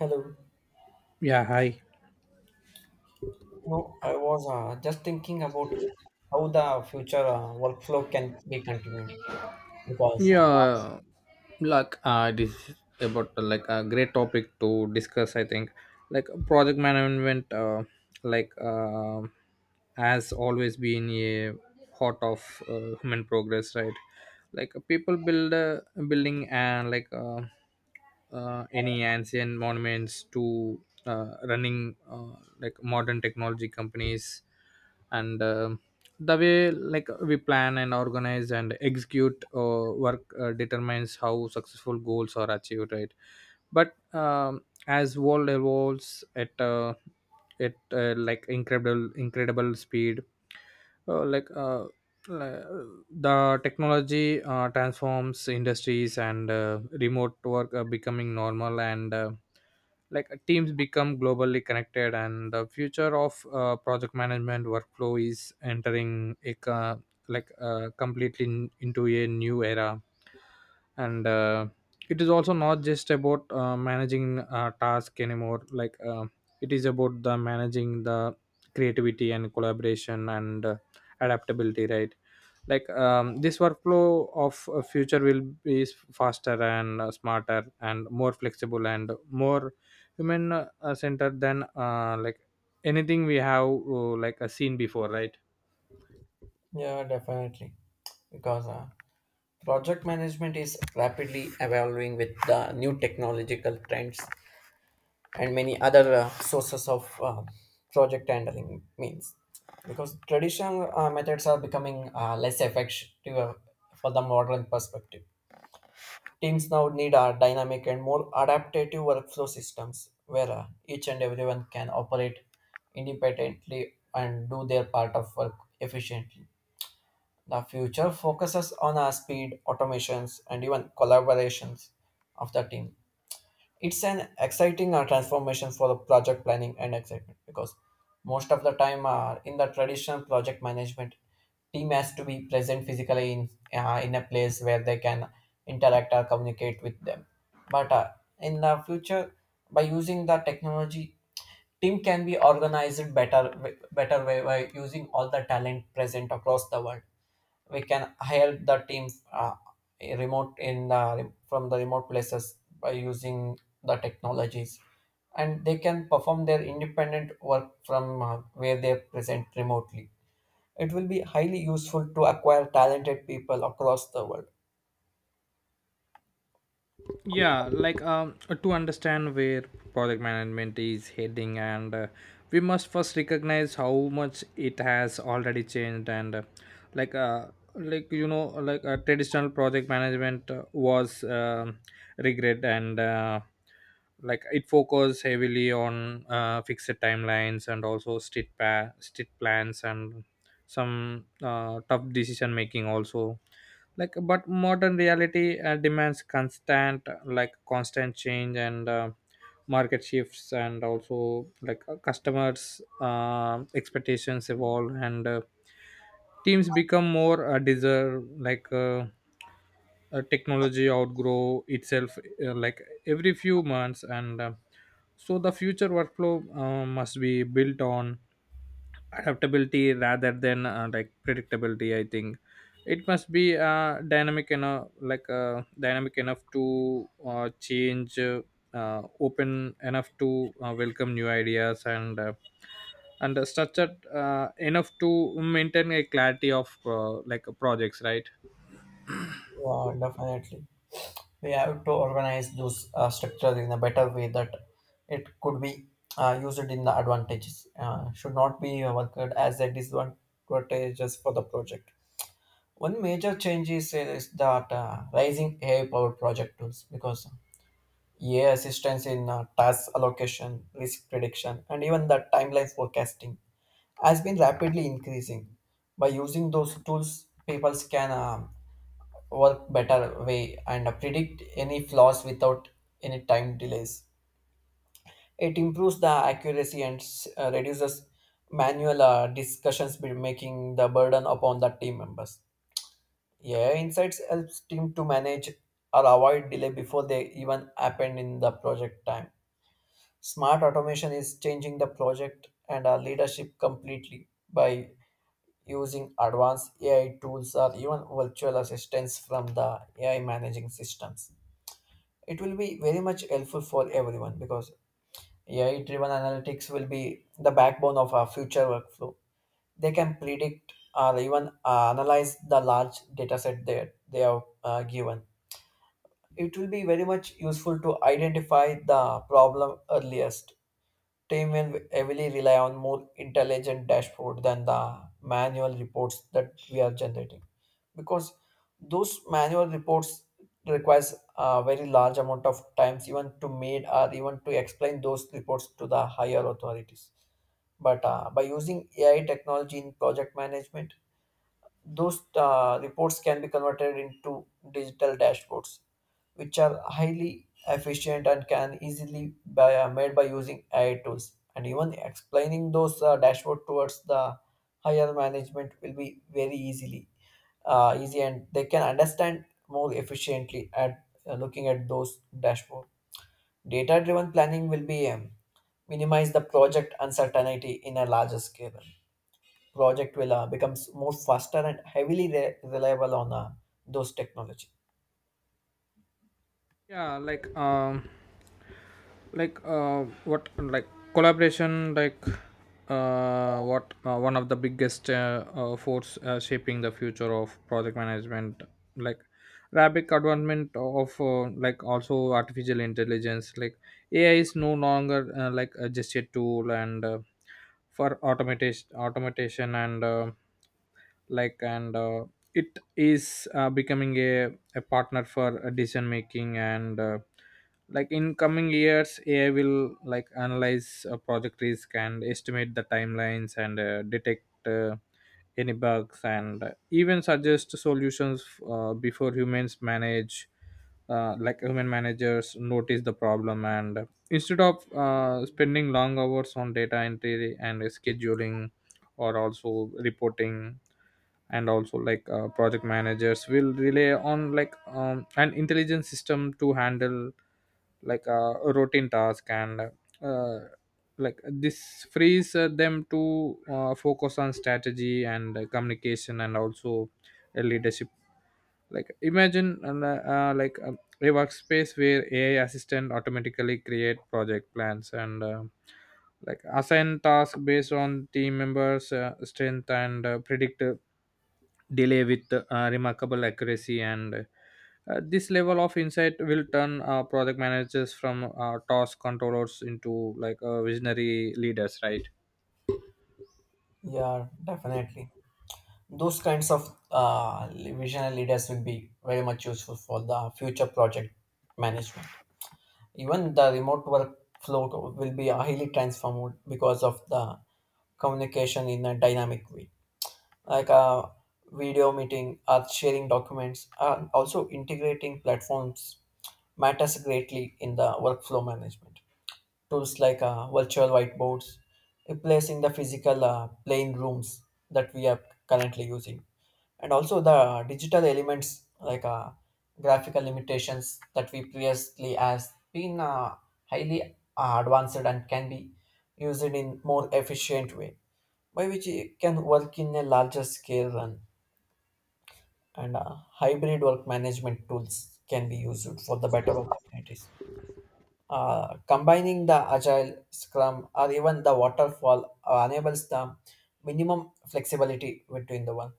Hello. Yeah, hi. No, I was just thinking about how the future workflow can be continued because, yeah this is about like a great topic to discuss, I think. Like project management like uh, has always been a heart of human progress, right? People build building and any ancient monuments to running like modern technology companies. And the way like we plan and organize and execute work determines how successful goals are achieved, right? But as world evolves at like incredible speed, uh, like uh, the technology transforms industries, and remote work are becoming normal, and teams become globally connected, and the future of project management workflow is entering a completely into a new era. And It is also not just about managing task anymore. It is about the managing the creativity and collaboration and adaptability, right? This workflow of future will be faster and smarter and more flexible and more human centered than anything we have seen before, right? yeah, definitely. Because project management is rapidly evolving with the new technological trends and many other sources of project handling means. Because traditional methods are becoming less effective for the modern perspective. Teams now need our dynamic and more adaptive workflow systems where each and everyone can operate independently and do their part of work efficiently. The future focuses on our speed, automations, and even collaborations of the team. It's an exciting transformation for the project planning and excitement because most of the time in the traditional project management, team has to be present physically in a place where they can interact or communicate with them. But in the future, by using the technology, team can be organized better way by using all the talent present across the world. We can help the team remote in the, from the remote places by using the technologies, and they can perform their independent work from where they are present remotely. It will be highly useful to acquire talented people across the world. yeah like um to understand where project management is heading, and we must first recognize how much it has already changed. And like uh like you know like Traditional project management was regret, and like it focused heavily on fixed timelines and also strict plans, and some tough decision making also. Like but modern reality demands constant change, and market shifts, and also customers expectations evolve, and teams become more deserve, technology outgrow itself like every few months. And So the future workflow must be built on adaptability rather than predictability, I think. It must be dynamic enough to change, open enough to welcome new ideas, and structured enough to maintain a clarity of projects, right? Yeah, definitely, we have to organize those structures in a better way that it could be used in the advantages, should not be worked as a disadvantage just for the project. One major change is, is that rising AI-powered project tools, because AI assistance in task allocation, risk prediction, and even the timeline forecasting has been rapidly increasing. By using those tools, people can work better way and predict any flaws without any time delays. It improves the accuracy and reduces manual discussions, making the burden upon the team members. AI insights helps team to manage or avoid delay before they even happen in the project time. Smart automation is changing the project and our leadership completely by using advanced AI tools or even virtual assistants from the AI managing systems. It will be very much helpful for everyone because AI driven analytics will be the backbone of our future workflow. They can predict or even analyze the large data set that they have given. It will be very much useful to identify the problem earliest. Team will heavily rely on more intelligent dashboard than the manual reports that we are generating, because those manual reports requires a very large amount of times even to made or even to explain those reports to the higher authorities. But by using AI technology in project management, those reports can be converted into digital dashboards, which are highly efficient and can easily be made by using AI tools. And even explaining those dashboard towards the higher management will be very easily easy, and they can understand more efficiently at looking at those dashboard. Data-driven planning will be minimize the project uncertainty in a larger scale. Project will becomes more faster and heavily reliable on those technology. yeah like what like Collaboration like what one of the biggest force shaping the future of project management, like rapid advancement of like also artificial intelligence. Like AI is no longer just a tool, and for automation, and like and uh, it is becoming a partner for decision making, and in coming years AI will like analyze project risk and estimate the timelines, and detect any bugs, and even suggest solutions before human managers notice the problem. And Instead of spending long hours on data entry and scheduling or also reporting, and also like project managers will rely on an intelligent system to handle a routine task. And like This frees them to focus on strategy and communication, and also leadership. Like imagine and, like a workspace where AI assistant automatically create project plans, and assign tasks based on team members strength, and predict delay with remarkable accuracy. And This level of insight will turn project managers from task controllers into visionary leaders, right? Yeah, definitely, those kinds of visionary leaders will be very much useful for the future project management. Even the remote workflow will be highly transformed because of the communication in a dynamic way, like a video meeting or sharing documents and also integrating platforms matters greatly in the workflow management. Tools like virtual whiteboards, replacing the physical plain rooms that we are currently using. And also the digital elements like graphical limitations that we previously has been highly advanced and can be used in more efficient way, by which it can work in a larger scale, and hybrid work management tools can be used for the better opportunities. Combining the agile, scrum, or even the waterfall enables the minimum flexibility between the one.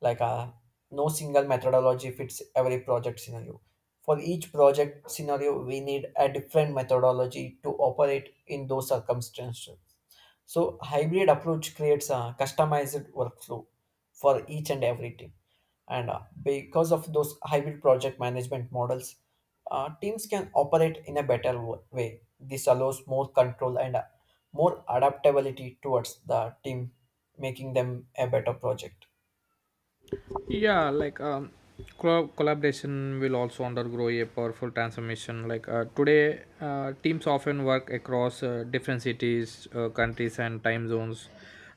Like uh, no single methodology fits every project scenario. For each project scenario, we need a different methodology to operate in those circumstances. So hybrid approach creates a customized workflow for each and every team. And because of those hybrid project management models, teams can operate in a better way. This allows more control and more adaptability towards the team, making them a better project. yeah like um Collaboration will also undergo a powerful transformation. Today teams often work across different cities, countries, and time zones.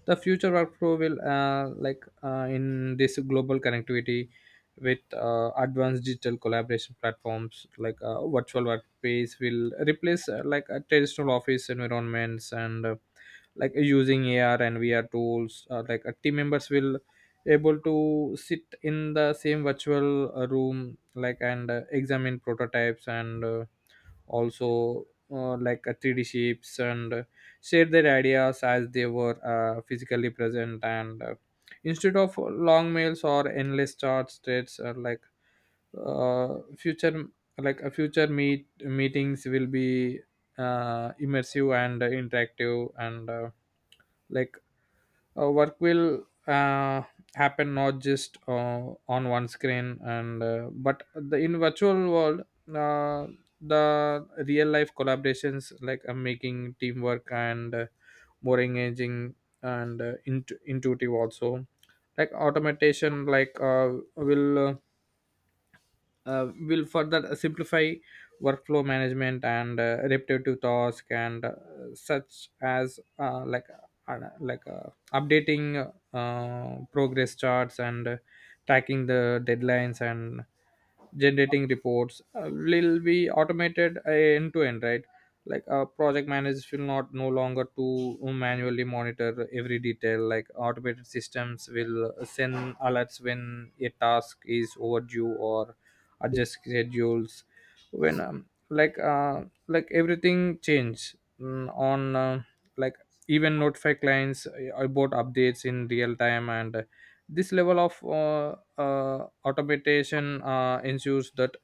The future workflow will in this global connectivity, with advanced digital collaboration platforms, virtual workspace will replace traditional office environments, and using AR and VR tools, team members will able to sit in the same virtual room, like and examine prototypes, and also like 3D shapes, and share their ideas as they were physically present. And Instead of long mails or endless charts states, like future like a future meetings will be immersive and interactive, and like work will happen not just on one screen, and but the in virtual world. uh, the real life collaborations, making teamwork and more engaging and intuitive also. Like automation will uh, will further simplify workflow management, and repetitive task, and such as like updating progress charts, and tracking the deadlines, and generating reports will be automated end to end, right? Project managers will not no longer to manually monitor every detail. Like automated systems will send alerts when a task is overdue, or adjust schedules when everything change, mm, on like even notify clients about updates in real time. And This level of automation ensures that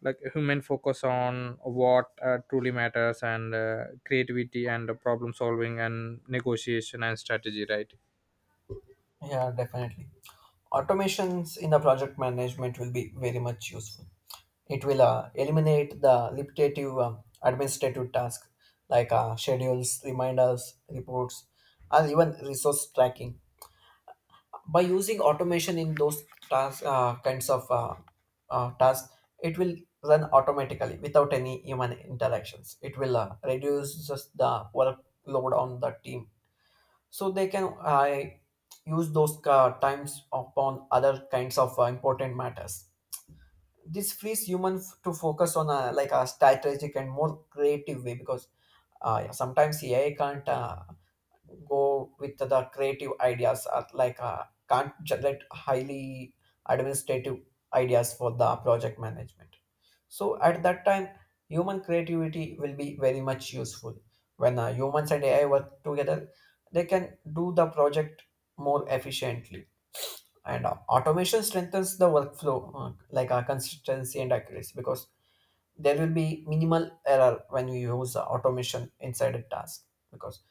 like human focus on what truly matters, and creativity, and problem solving, and negotiation, and strategy, right? Yeah, definitely. Automations in the project management will be very much useful. It will eliminate the repetitive administrative tasks like schedules, reminders, reports, or even resource tracking. By using automation in those tasks, kinds of tasks, it will run automatically without any human interactions. It will reduce just the workload on the team, so they can use those times upon other kinds of important matters. This frees human to focus on a like a strategic and more creative way, because yeah, sometimes AI can't go with the creative ideas, or like can't generate highly administrative ideas for the project management. So at that time, human creativity will be very much useful. When humans and AI work together, they can do the project more efficiently. And automation strengthens the workflow, consistency and accuracy, because there will be minimal error when you use automation inside a task, because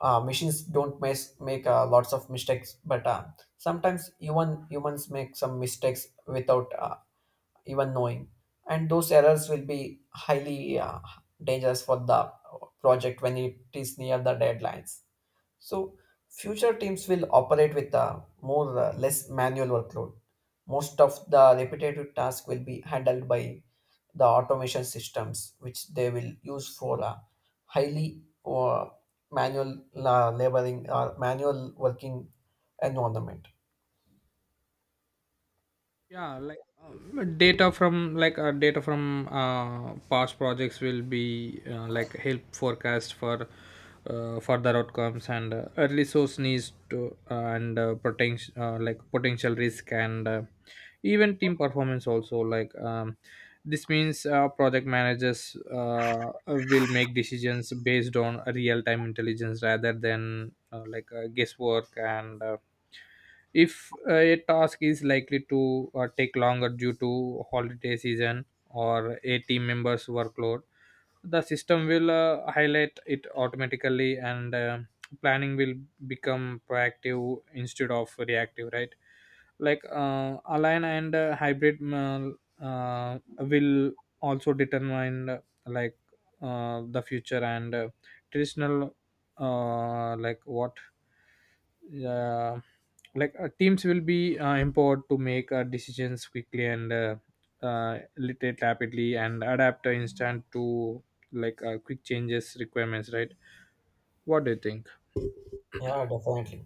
machines don't make lots of mistakes, but sometimes even humans make some mistakes without even knowing, and those errors will be highly dangerous for the project when it is near the deadlines. So future teams will operate with a more less manual workload. Most of the repetitive task will be handled by the automation systems, which they will use for highly manual laboring or manual working environment. Data from past projects will be like help forecast for further outcomes, and early source needs to, and potential potential risk, and even team performance also. This means project managers will make decisions based on real time intelligence rather than guesswork. And If a task is likely to take longer due to holiday season or a team member's workload, the system will highlight it automatically, and planning will become proactive instead of reactive, right? Align and hybrid will also determine like the future, and traditional like what uh, like teams will be empowered to make decisions quickly, and literate rapidly and adapt instant to quick changes requirements, right? What do you think? Yeah, definitely.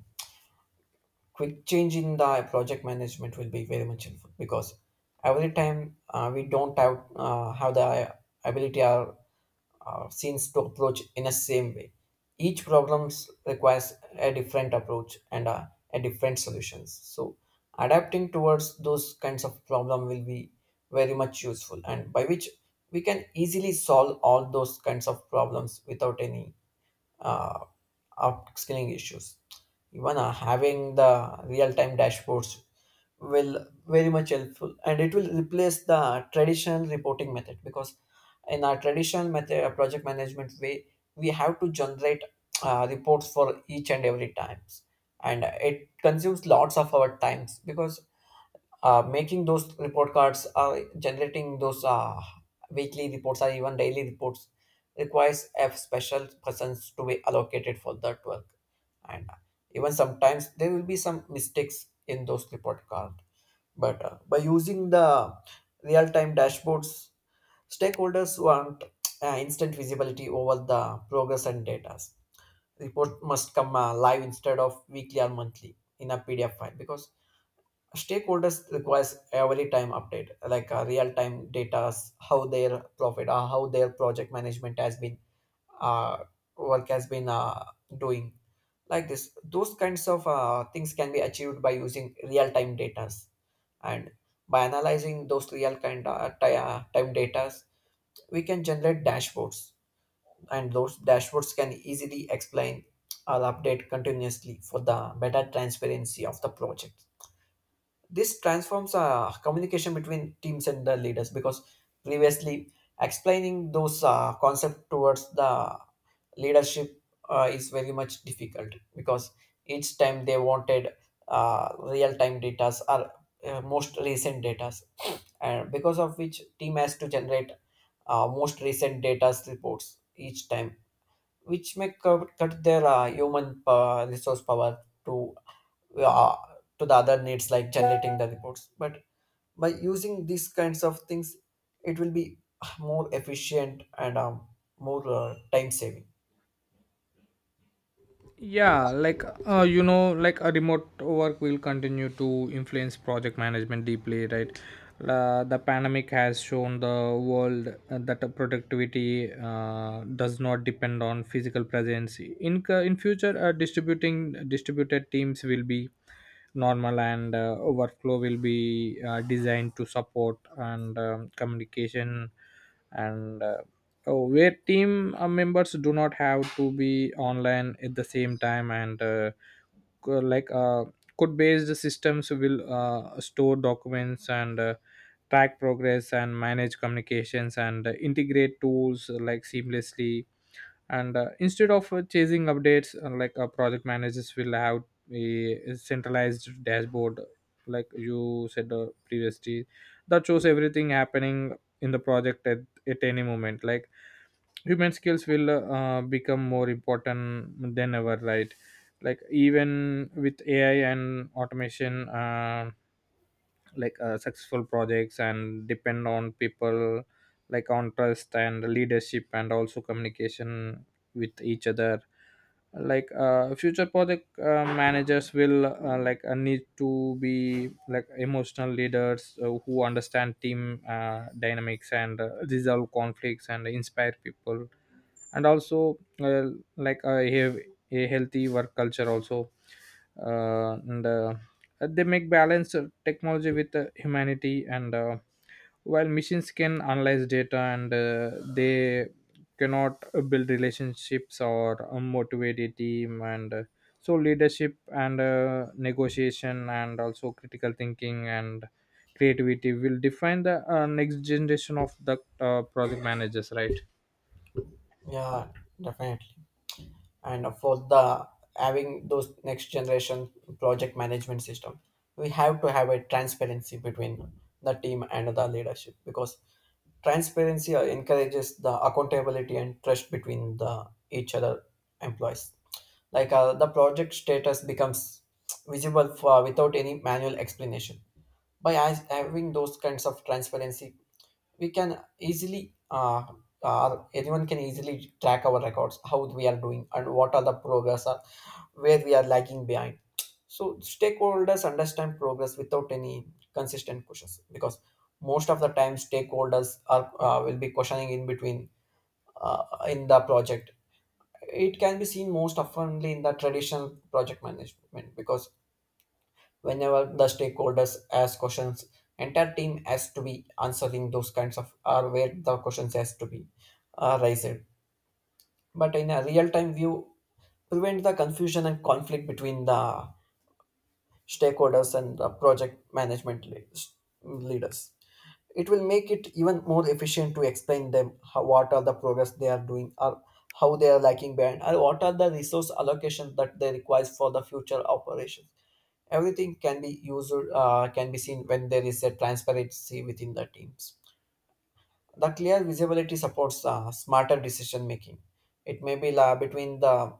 Quick change in the project management will be very much helpful, because every time we don't have the ability or scenes to approach in the same way. Each problem requires a different approach and a different solutions. So adapting towards those kinds of problem will be very much useful, and by which we can easily solve all those kinds of problems without any uh, upskilling issues. Even having the real-time dashboards will very much helpful, and it will replace the traditional reporting method, because in our traditional method, project management way, we have to generate reports for each and every times, and it consumes lots of our times because making those report cards, generating those weekly reports or even daily reports requires a special persons to be allocated for that work. And even sometimes there will be some mistakes in those report cards. But by using the real-time dashboards, stakeholders want instant visibility over the progress and data. Report must come live instead of weekly or monthly in a PDF file, because stakeholders requires every time update, like real time data, how their profit, or how their project management has been, uh, work has been doing. Like this, those kinds of things can be achieved by using real time data, and by analyzing those real time data, we can generate dashboards, and those dashboards can easily explain or update continuously for the better transparency of the project. This transforms communication between teams and the leaders, because previously explaining those concept towards the leadership is very much difficult, because each time they wanted real-time data or most recent data, and because of which team has to generate most recent data reports each time, which may cut their human resource power to uh, to the other needs like generating the reports. But by using these kinds of things, it will be more efficient and more time saving. A remote work will continue to influence project management deeply, right? The pandemic has shown the world that the productivity does not depend on physical presence. In in future distributing distributed teams will be normal, and workflow will be designed to support and communication, and Oh, where team members do not have to be online at the same time, and co- like uh, code based systems will store documents, and track progress, and manage communications, and integrate tools like seamlessly. And Instead of chasing updates, project managers will have a centralized dashboard, like you said previously, that shows everything happening in the project at any moment. Like human skills will become more important than ever, right? Like even with AI and automation, successful projects and depend on people, like on trust and leadership, and also communication with each other. Future project managers will need to be like emotional leaders who understand team dynamics, and resolve conflicts and inspire people, and also have a healthy work culture also, and they make balance technology with humanity. And While machines can analyze data, and they cannot build relationships or motivate a team. And So leadership, and negotiation, and also critical thinking, and creativity will define the next generation of the project managers, right? Yeah, definitely. And for the having those next generation project management system, we have to have a transparency between the team and the leadership, because transparency encourages the accountability and trust between the each other employees. Like the project status becomes visible for, without any manual explanation. By having those kinds of transparency, we can easily anyone can easily track our records how we are doing and what are the progress, or where we are lagging behind. So stakeholders understand progress without any consistent questions, because most of the time stakeholders are will be questioning in between uh, in the project. It can be seen most oftenly in the traditional project management, because whenever the stakeholders ask questions, entire team has to be answering those kinds of, or where the questions has to be raised. But in a real-time view, prevent the confusion and conflict between the stakeholders and the project management leaders. It will make it even more efficient to explain them how, what are the progress they are doing or how they are lacking behind or what are the resource allocations that they require for the future operations. Everything can be used can be seen when there is a transparency within the teams. The clear visibility supports smarter decision making. It may be between the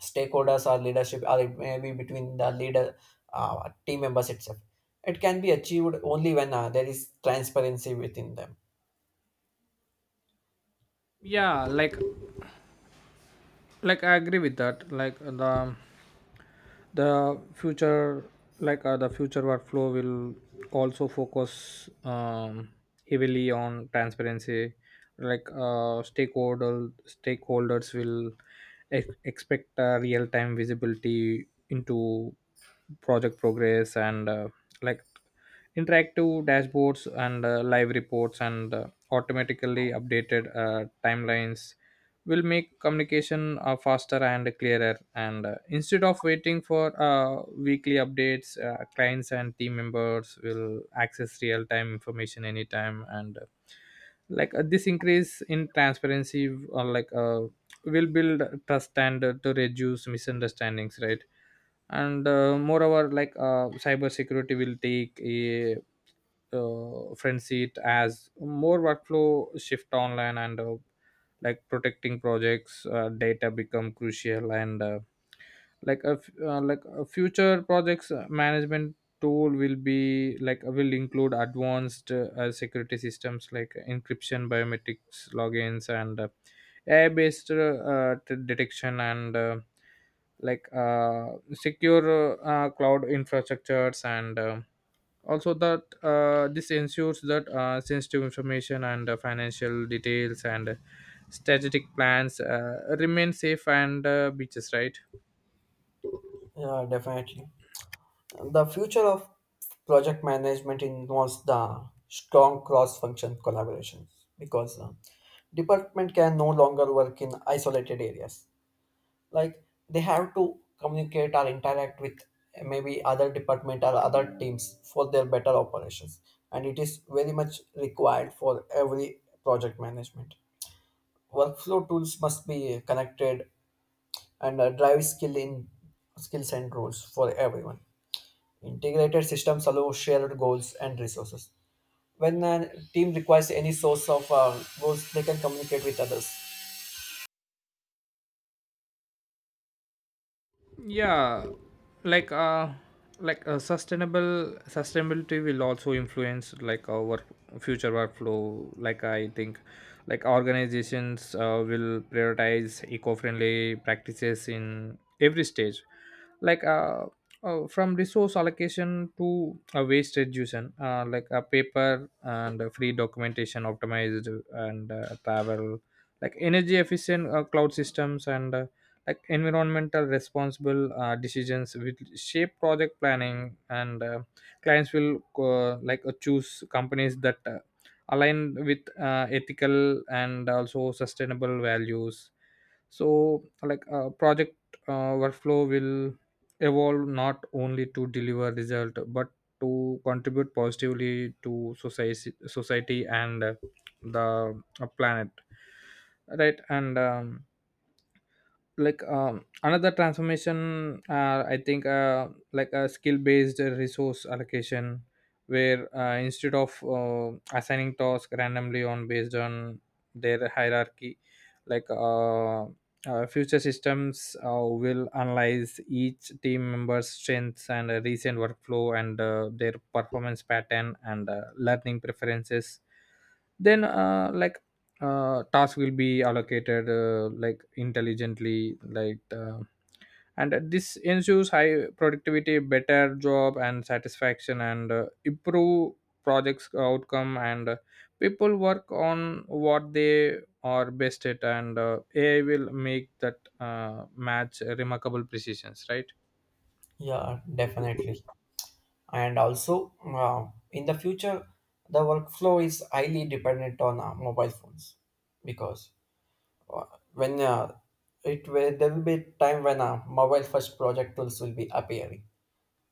stakeholders or leadership, or it may be between the leader team members itself. It can be achieved only when there is transparency within them. yeah like I agree with that. Like the future, the future workflow will also focus heavily on transparency. Like stakeholders will expect real time visibility into project progress, and like interactive dashboards, and live reports, and automatically updated timelines will make communication faster and clearer. And Instead of waiting for weekly updates, clients and team members will access real time information anytime. And like This increase in transparency will build trust, and to reduce misunderstandings, right? and Moreover, cyber security will take a front seat as more workflow shift online. And like protecting projects data become crucial. And like a f- like a future projects management tool will be will include advanced security systems like encryption, biometrics logins, and AI based detection, and like uh, secure cloud infrastructures, and also that this ensures that sensitive information, and financial details, and strategic plans remain safe and beaches, right? Yeah, definitely. The future of project management involves the strong cross-function collaboration because department can no longer work in isolated areas. Like they have to communicate or interact with maybe other department or other teams for their better operations, and it is very much required for every project management. Workflow tools must be connected and drive skill in skills and roles for everyone. Integrated systems allow shared goals and resources. When a team requires any source of goals, they can communicate with others. yeah like uh like sustainable Sustainability will also influence like our future workflow, like I think. Like organizations will prioritize eco-friendly practices in every stage, like uh, from resource allocation to waste reduction, like a paper and free documentation, optimized and travel, like energy efficient cloud systems, and environmental responsible decisions which shape project planning. And Clients will choose companies that align with ethical and also sustainable values. So project workflow will evolve not only to deliver result, but to contribute positively to society, and the planet, right? and like Another transformation, I think, a skill based resource allocation, where instead of assigning tasks randomly on based on their hierarchy, like uh, future systems will analyze each team member's strengths, and recent workflow, and their performance pattern, and learning preferences. Then like Task will be allocated intelligently, and this ensures high productivity, better job and satisfaction, and improve projects outcome, and people work on what they are best at. And AI will make that match remarkable precisions, right? Yeah, definitely. And also, in the future, the workflow is highly dependent on mobile phones because when uh, there will be time when mobile first project tools will be appearing.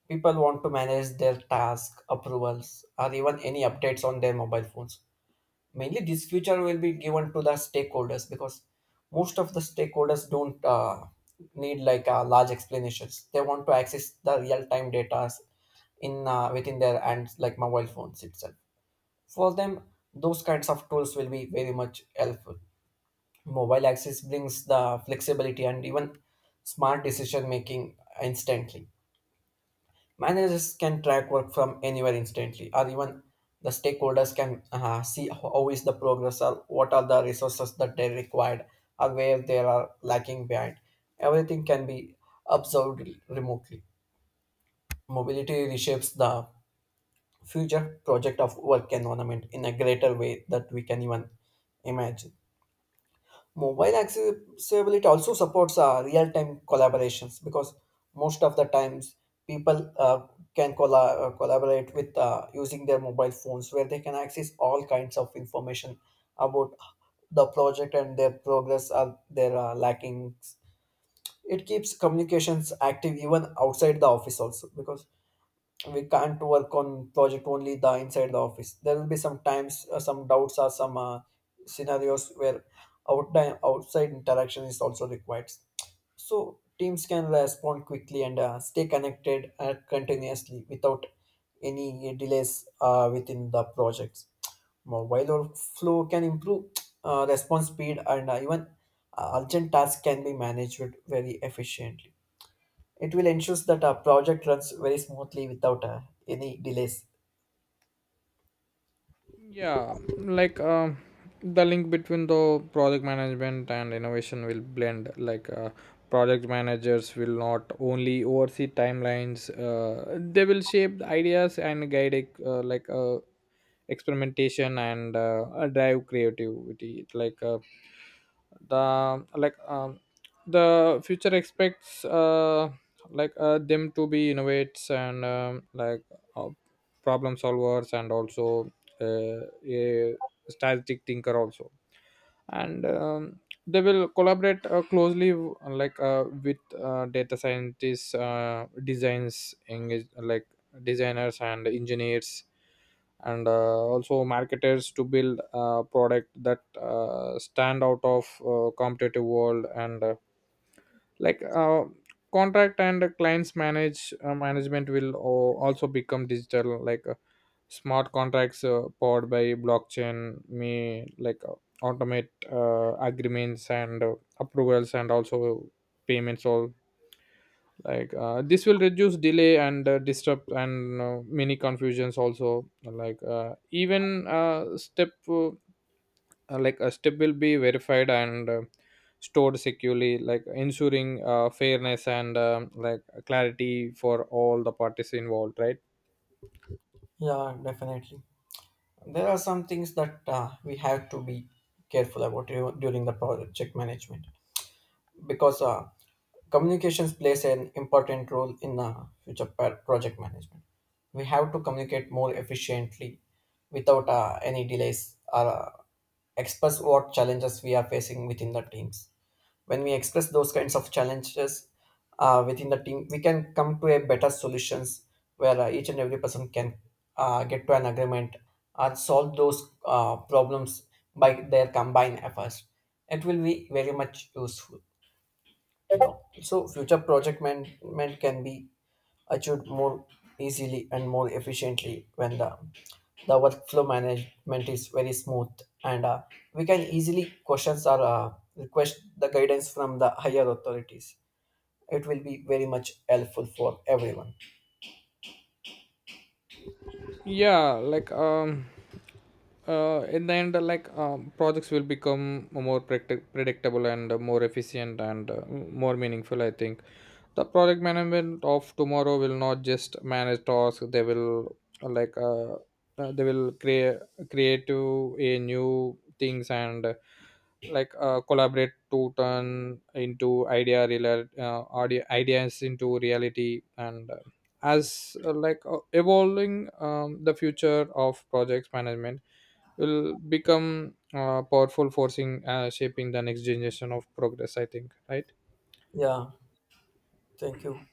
People want to manage their task approvals or even any updates on their mobile phones. Mainly this future will be given to the stakeholders because most of the stakeholders don't need like large explanations. They want to access the real-time data in within their hands like mobile phones itself. For them, those kinds of tools will be very much helpful. Mobile access brings the flexibility and even smart decision making instantly. Managers can track work from anywhere instantly, or even the stakeholders can see how is the progress or what are the resources that they required or where they are lacking behind. Everything can be observed remotely. Mobility reshapes the future project of work environment in a greater way that we can even imagine. Mobile accessibility also supports real-time collaborations because most of the times people can collaborate with using their mobile phones, where they can access all kinds of information about the project and their progress or their lackings. It keeps communications active even outside the office also, because we can't work on project only the inside the office. There will be some times some doubts or some scenarios where out outside interaction is also required, so teams can respond quickly and stay connected continuously without any delays within the projects. Mobile workflow can improve response speed, and even urgent tasks can be managed very efficiently. It will ensure that our project runs very smoothly without any delays. yeah like um the link between the project management and innovation will blend. Project managers will not only oversee timelines, they will shape the ideas and guide uh, like uh, experimentation, and drive creativity. The like um, the future expects them to be innovates, and uh, problem solvers, and also uh, a strategic thinker also. And They will collaborate closely with data scientists, designs engage like designers and engineers, and also marketers, to build a product that stand out of competitive world. And like Contract and clients management will o- also become digital. Smart contracts powered by blockchain may automate agreements, and approvals, and also payments all. This will reduce delay, and disrupt, and many confusions also. Even step like a step will be verified, and stored securely, like ensuring fairness, and clarity for all the parties involved, right? Yeah, definitely. There are some things that we have to be careful about during the project management, because communications plays an important role in future project management. We have to communicate more efficiently without any delays or express what challenges we are facing within the teams. When we express those kinds of challenges within the team, we can come to a better solutions where each and every person can get to an agreement and solve those problems by their combined efforts. It will be very much useful, so future project management can be achieved more easily and more efficiently when the workflow management is very smooth, and we can easily questions or request the guidance from the higher authorities. It will be very much helpful for everyone. yeah like um in the end, projects will become more predictable, and more efficient, and more meaningful. I think the project management of tomorrow will not just manage tasks; they will uh, like uh, they will create to a new things, and collaborate to turn into ideas into reality. And as like Evolving the future of projects management will become powerful forcing shaping the next generation of progress, I think, right? Yeah, thank you.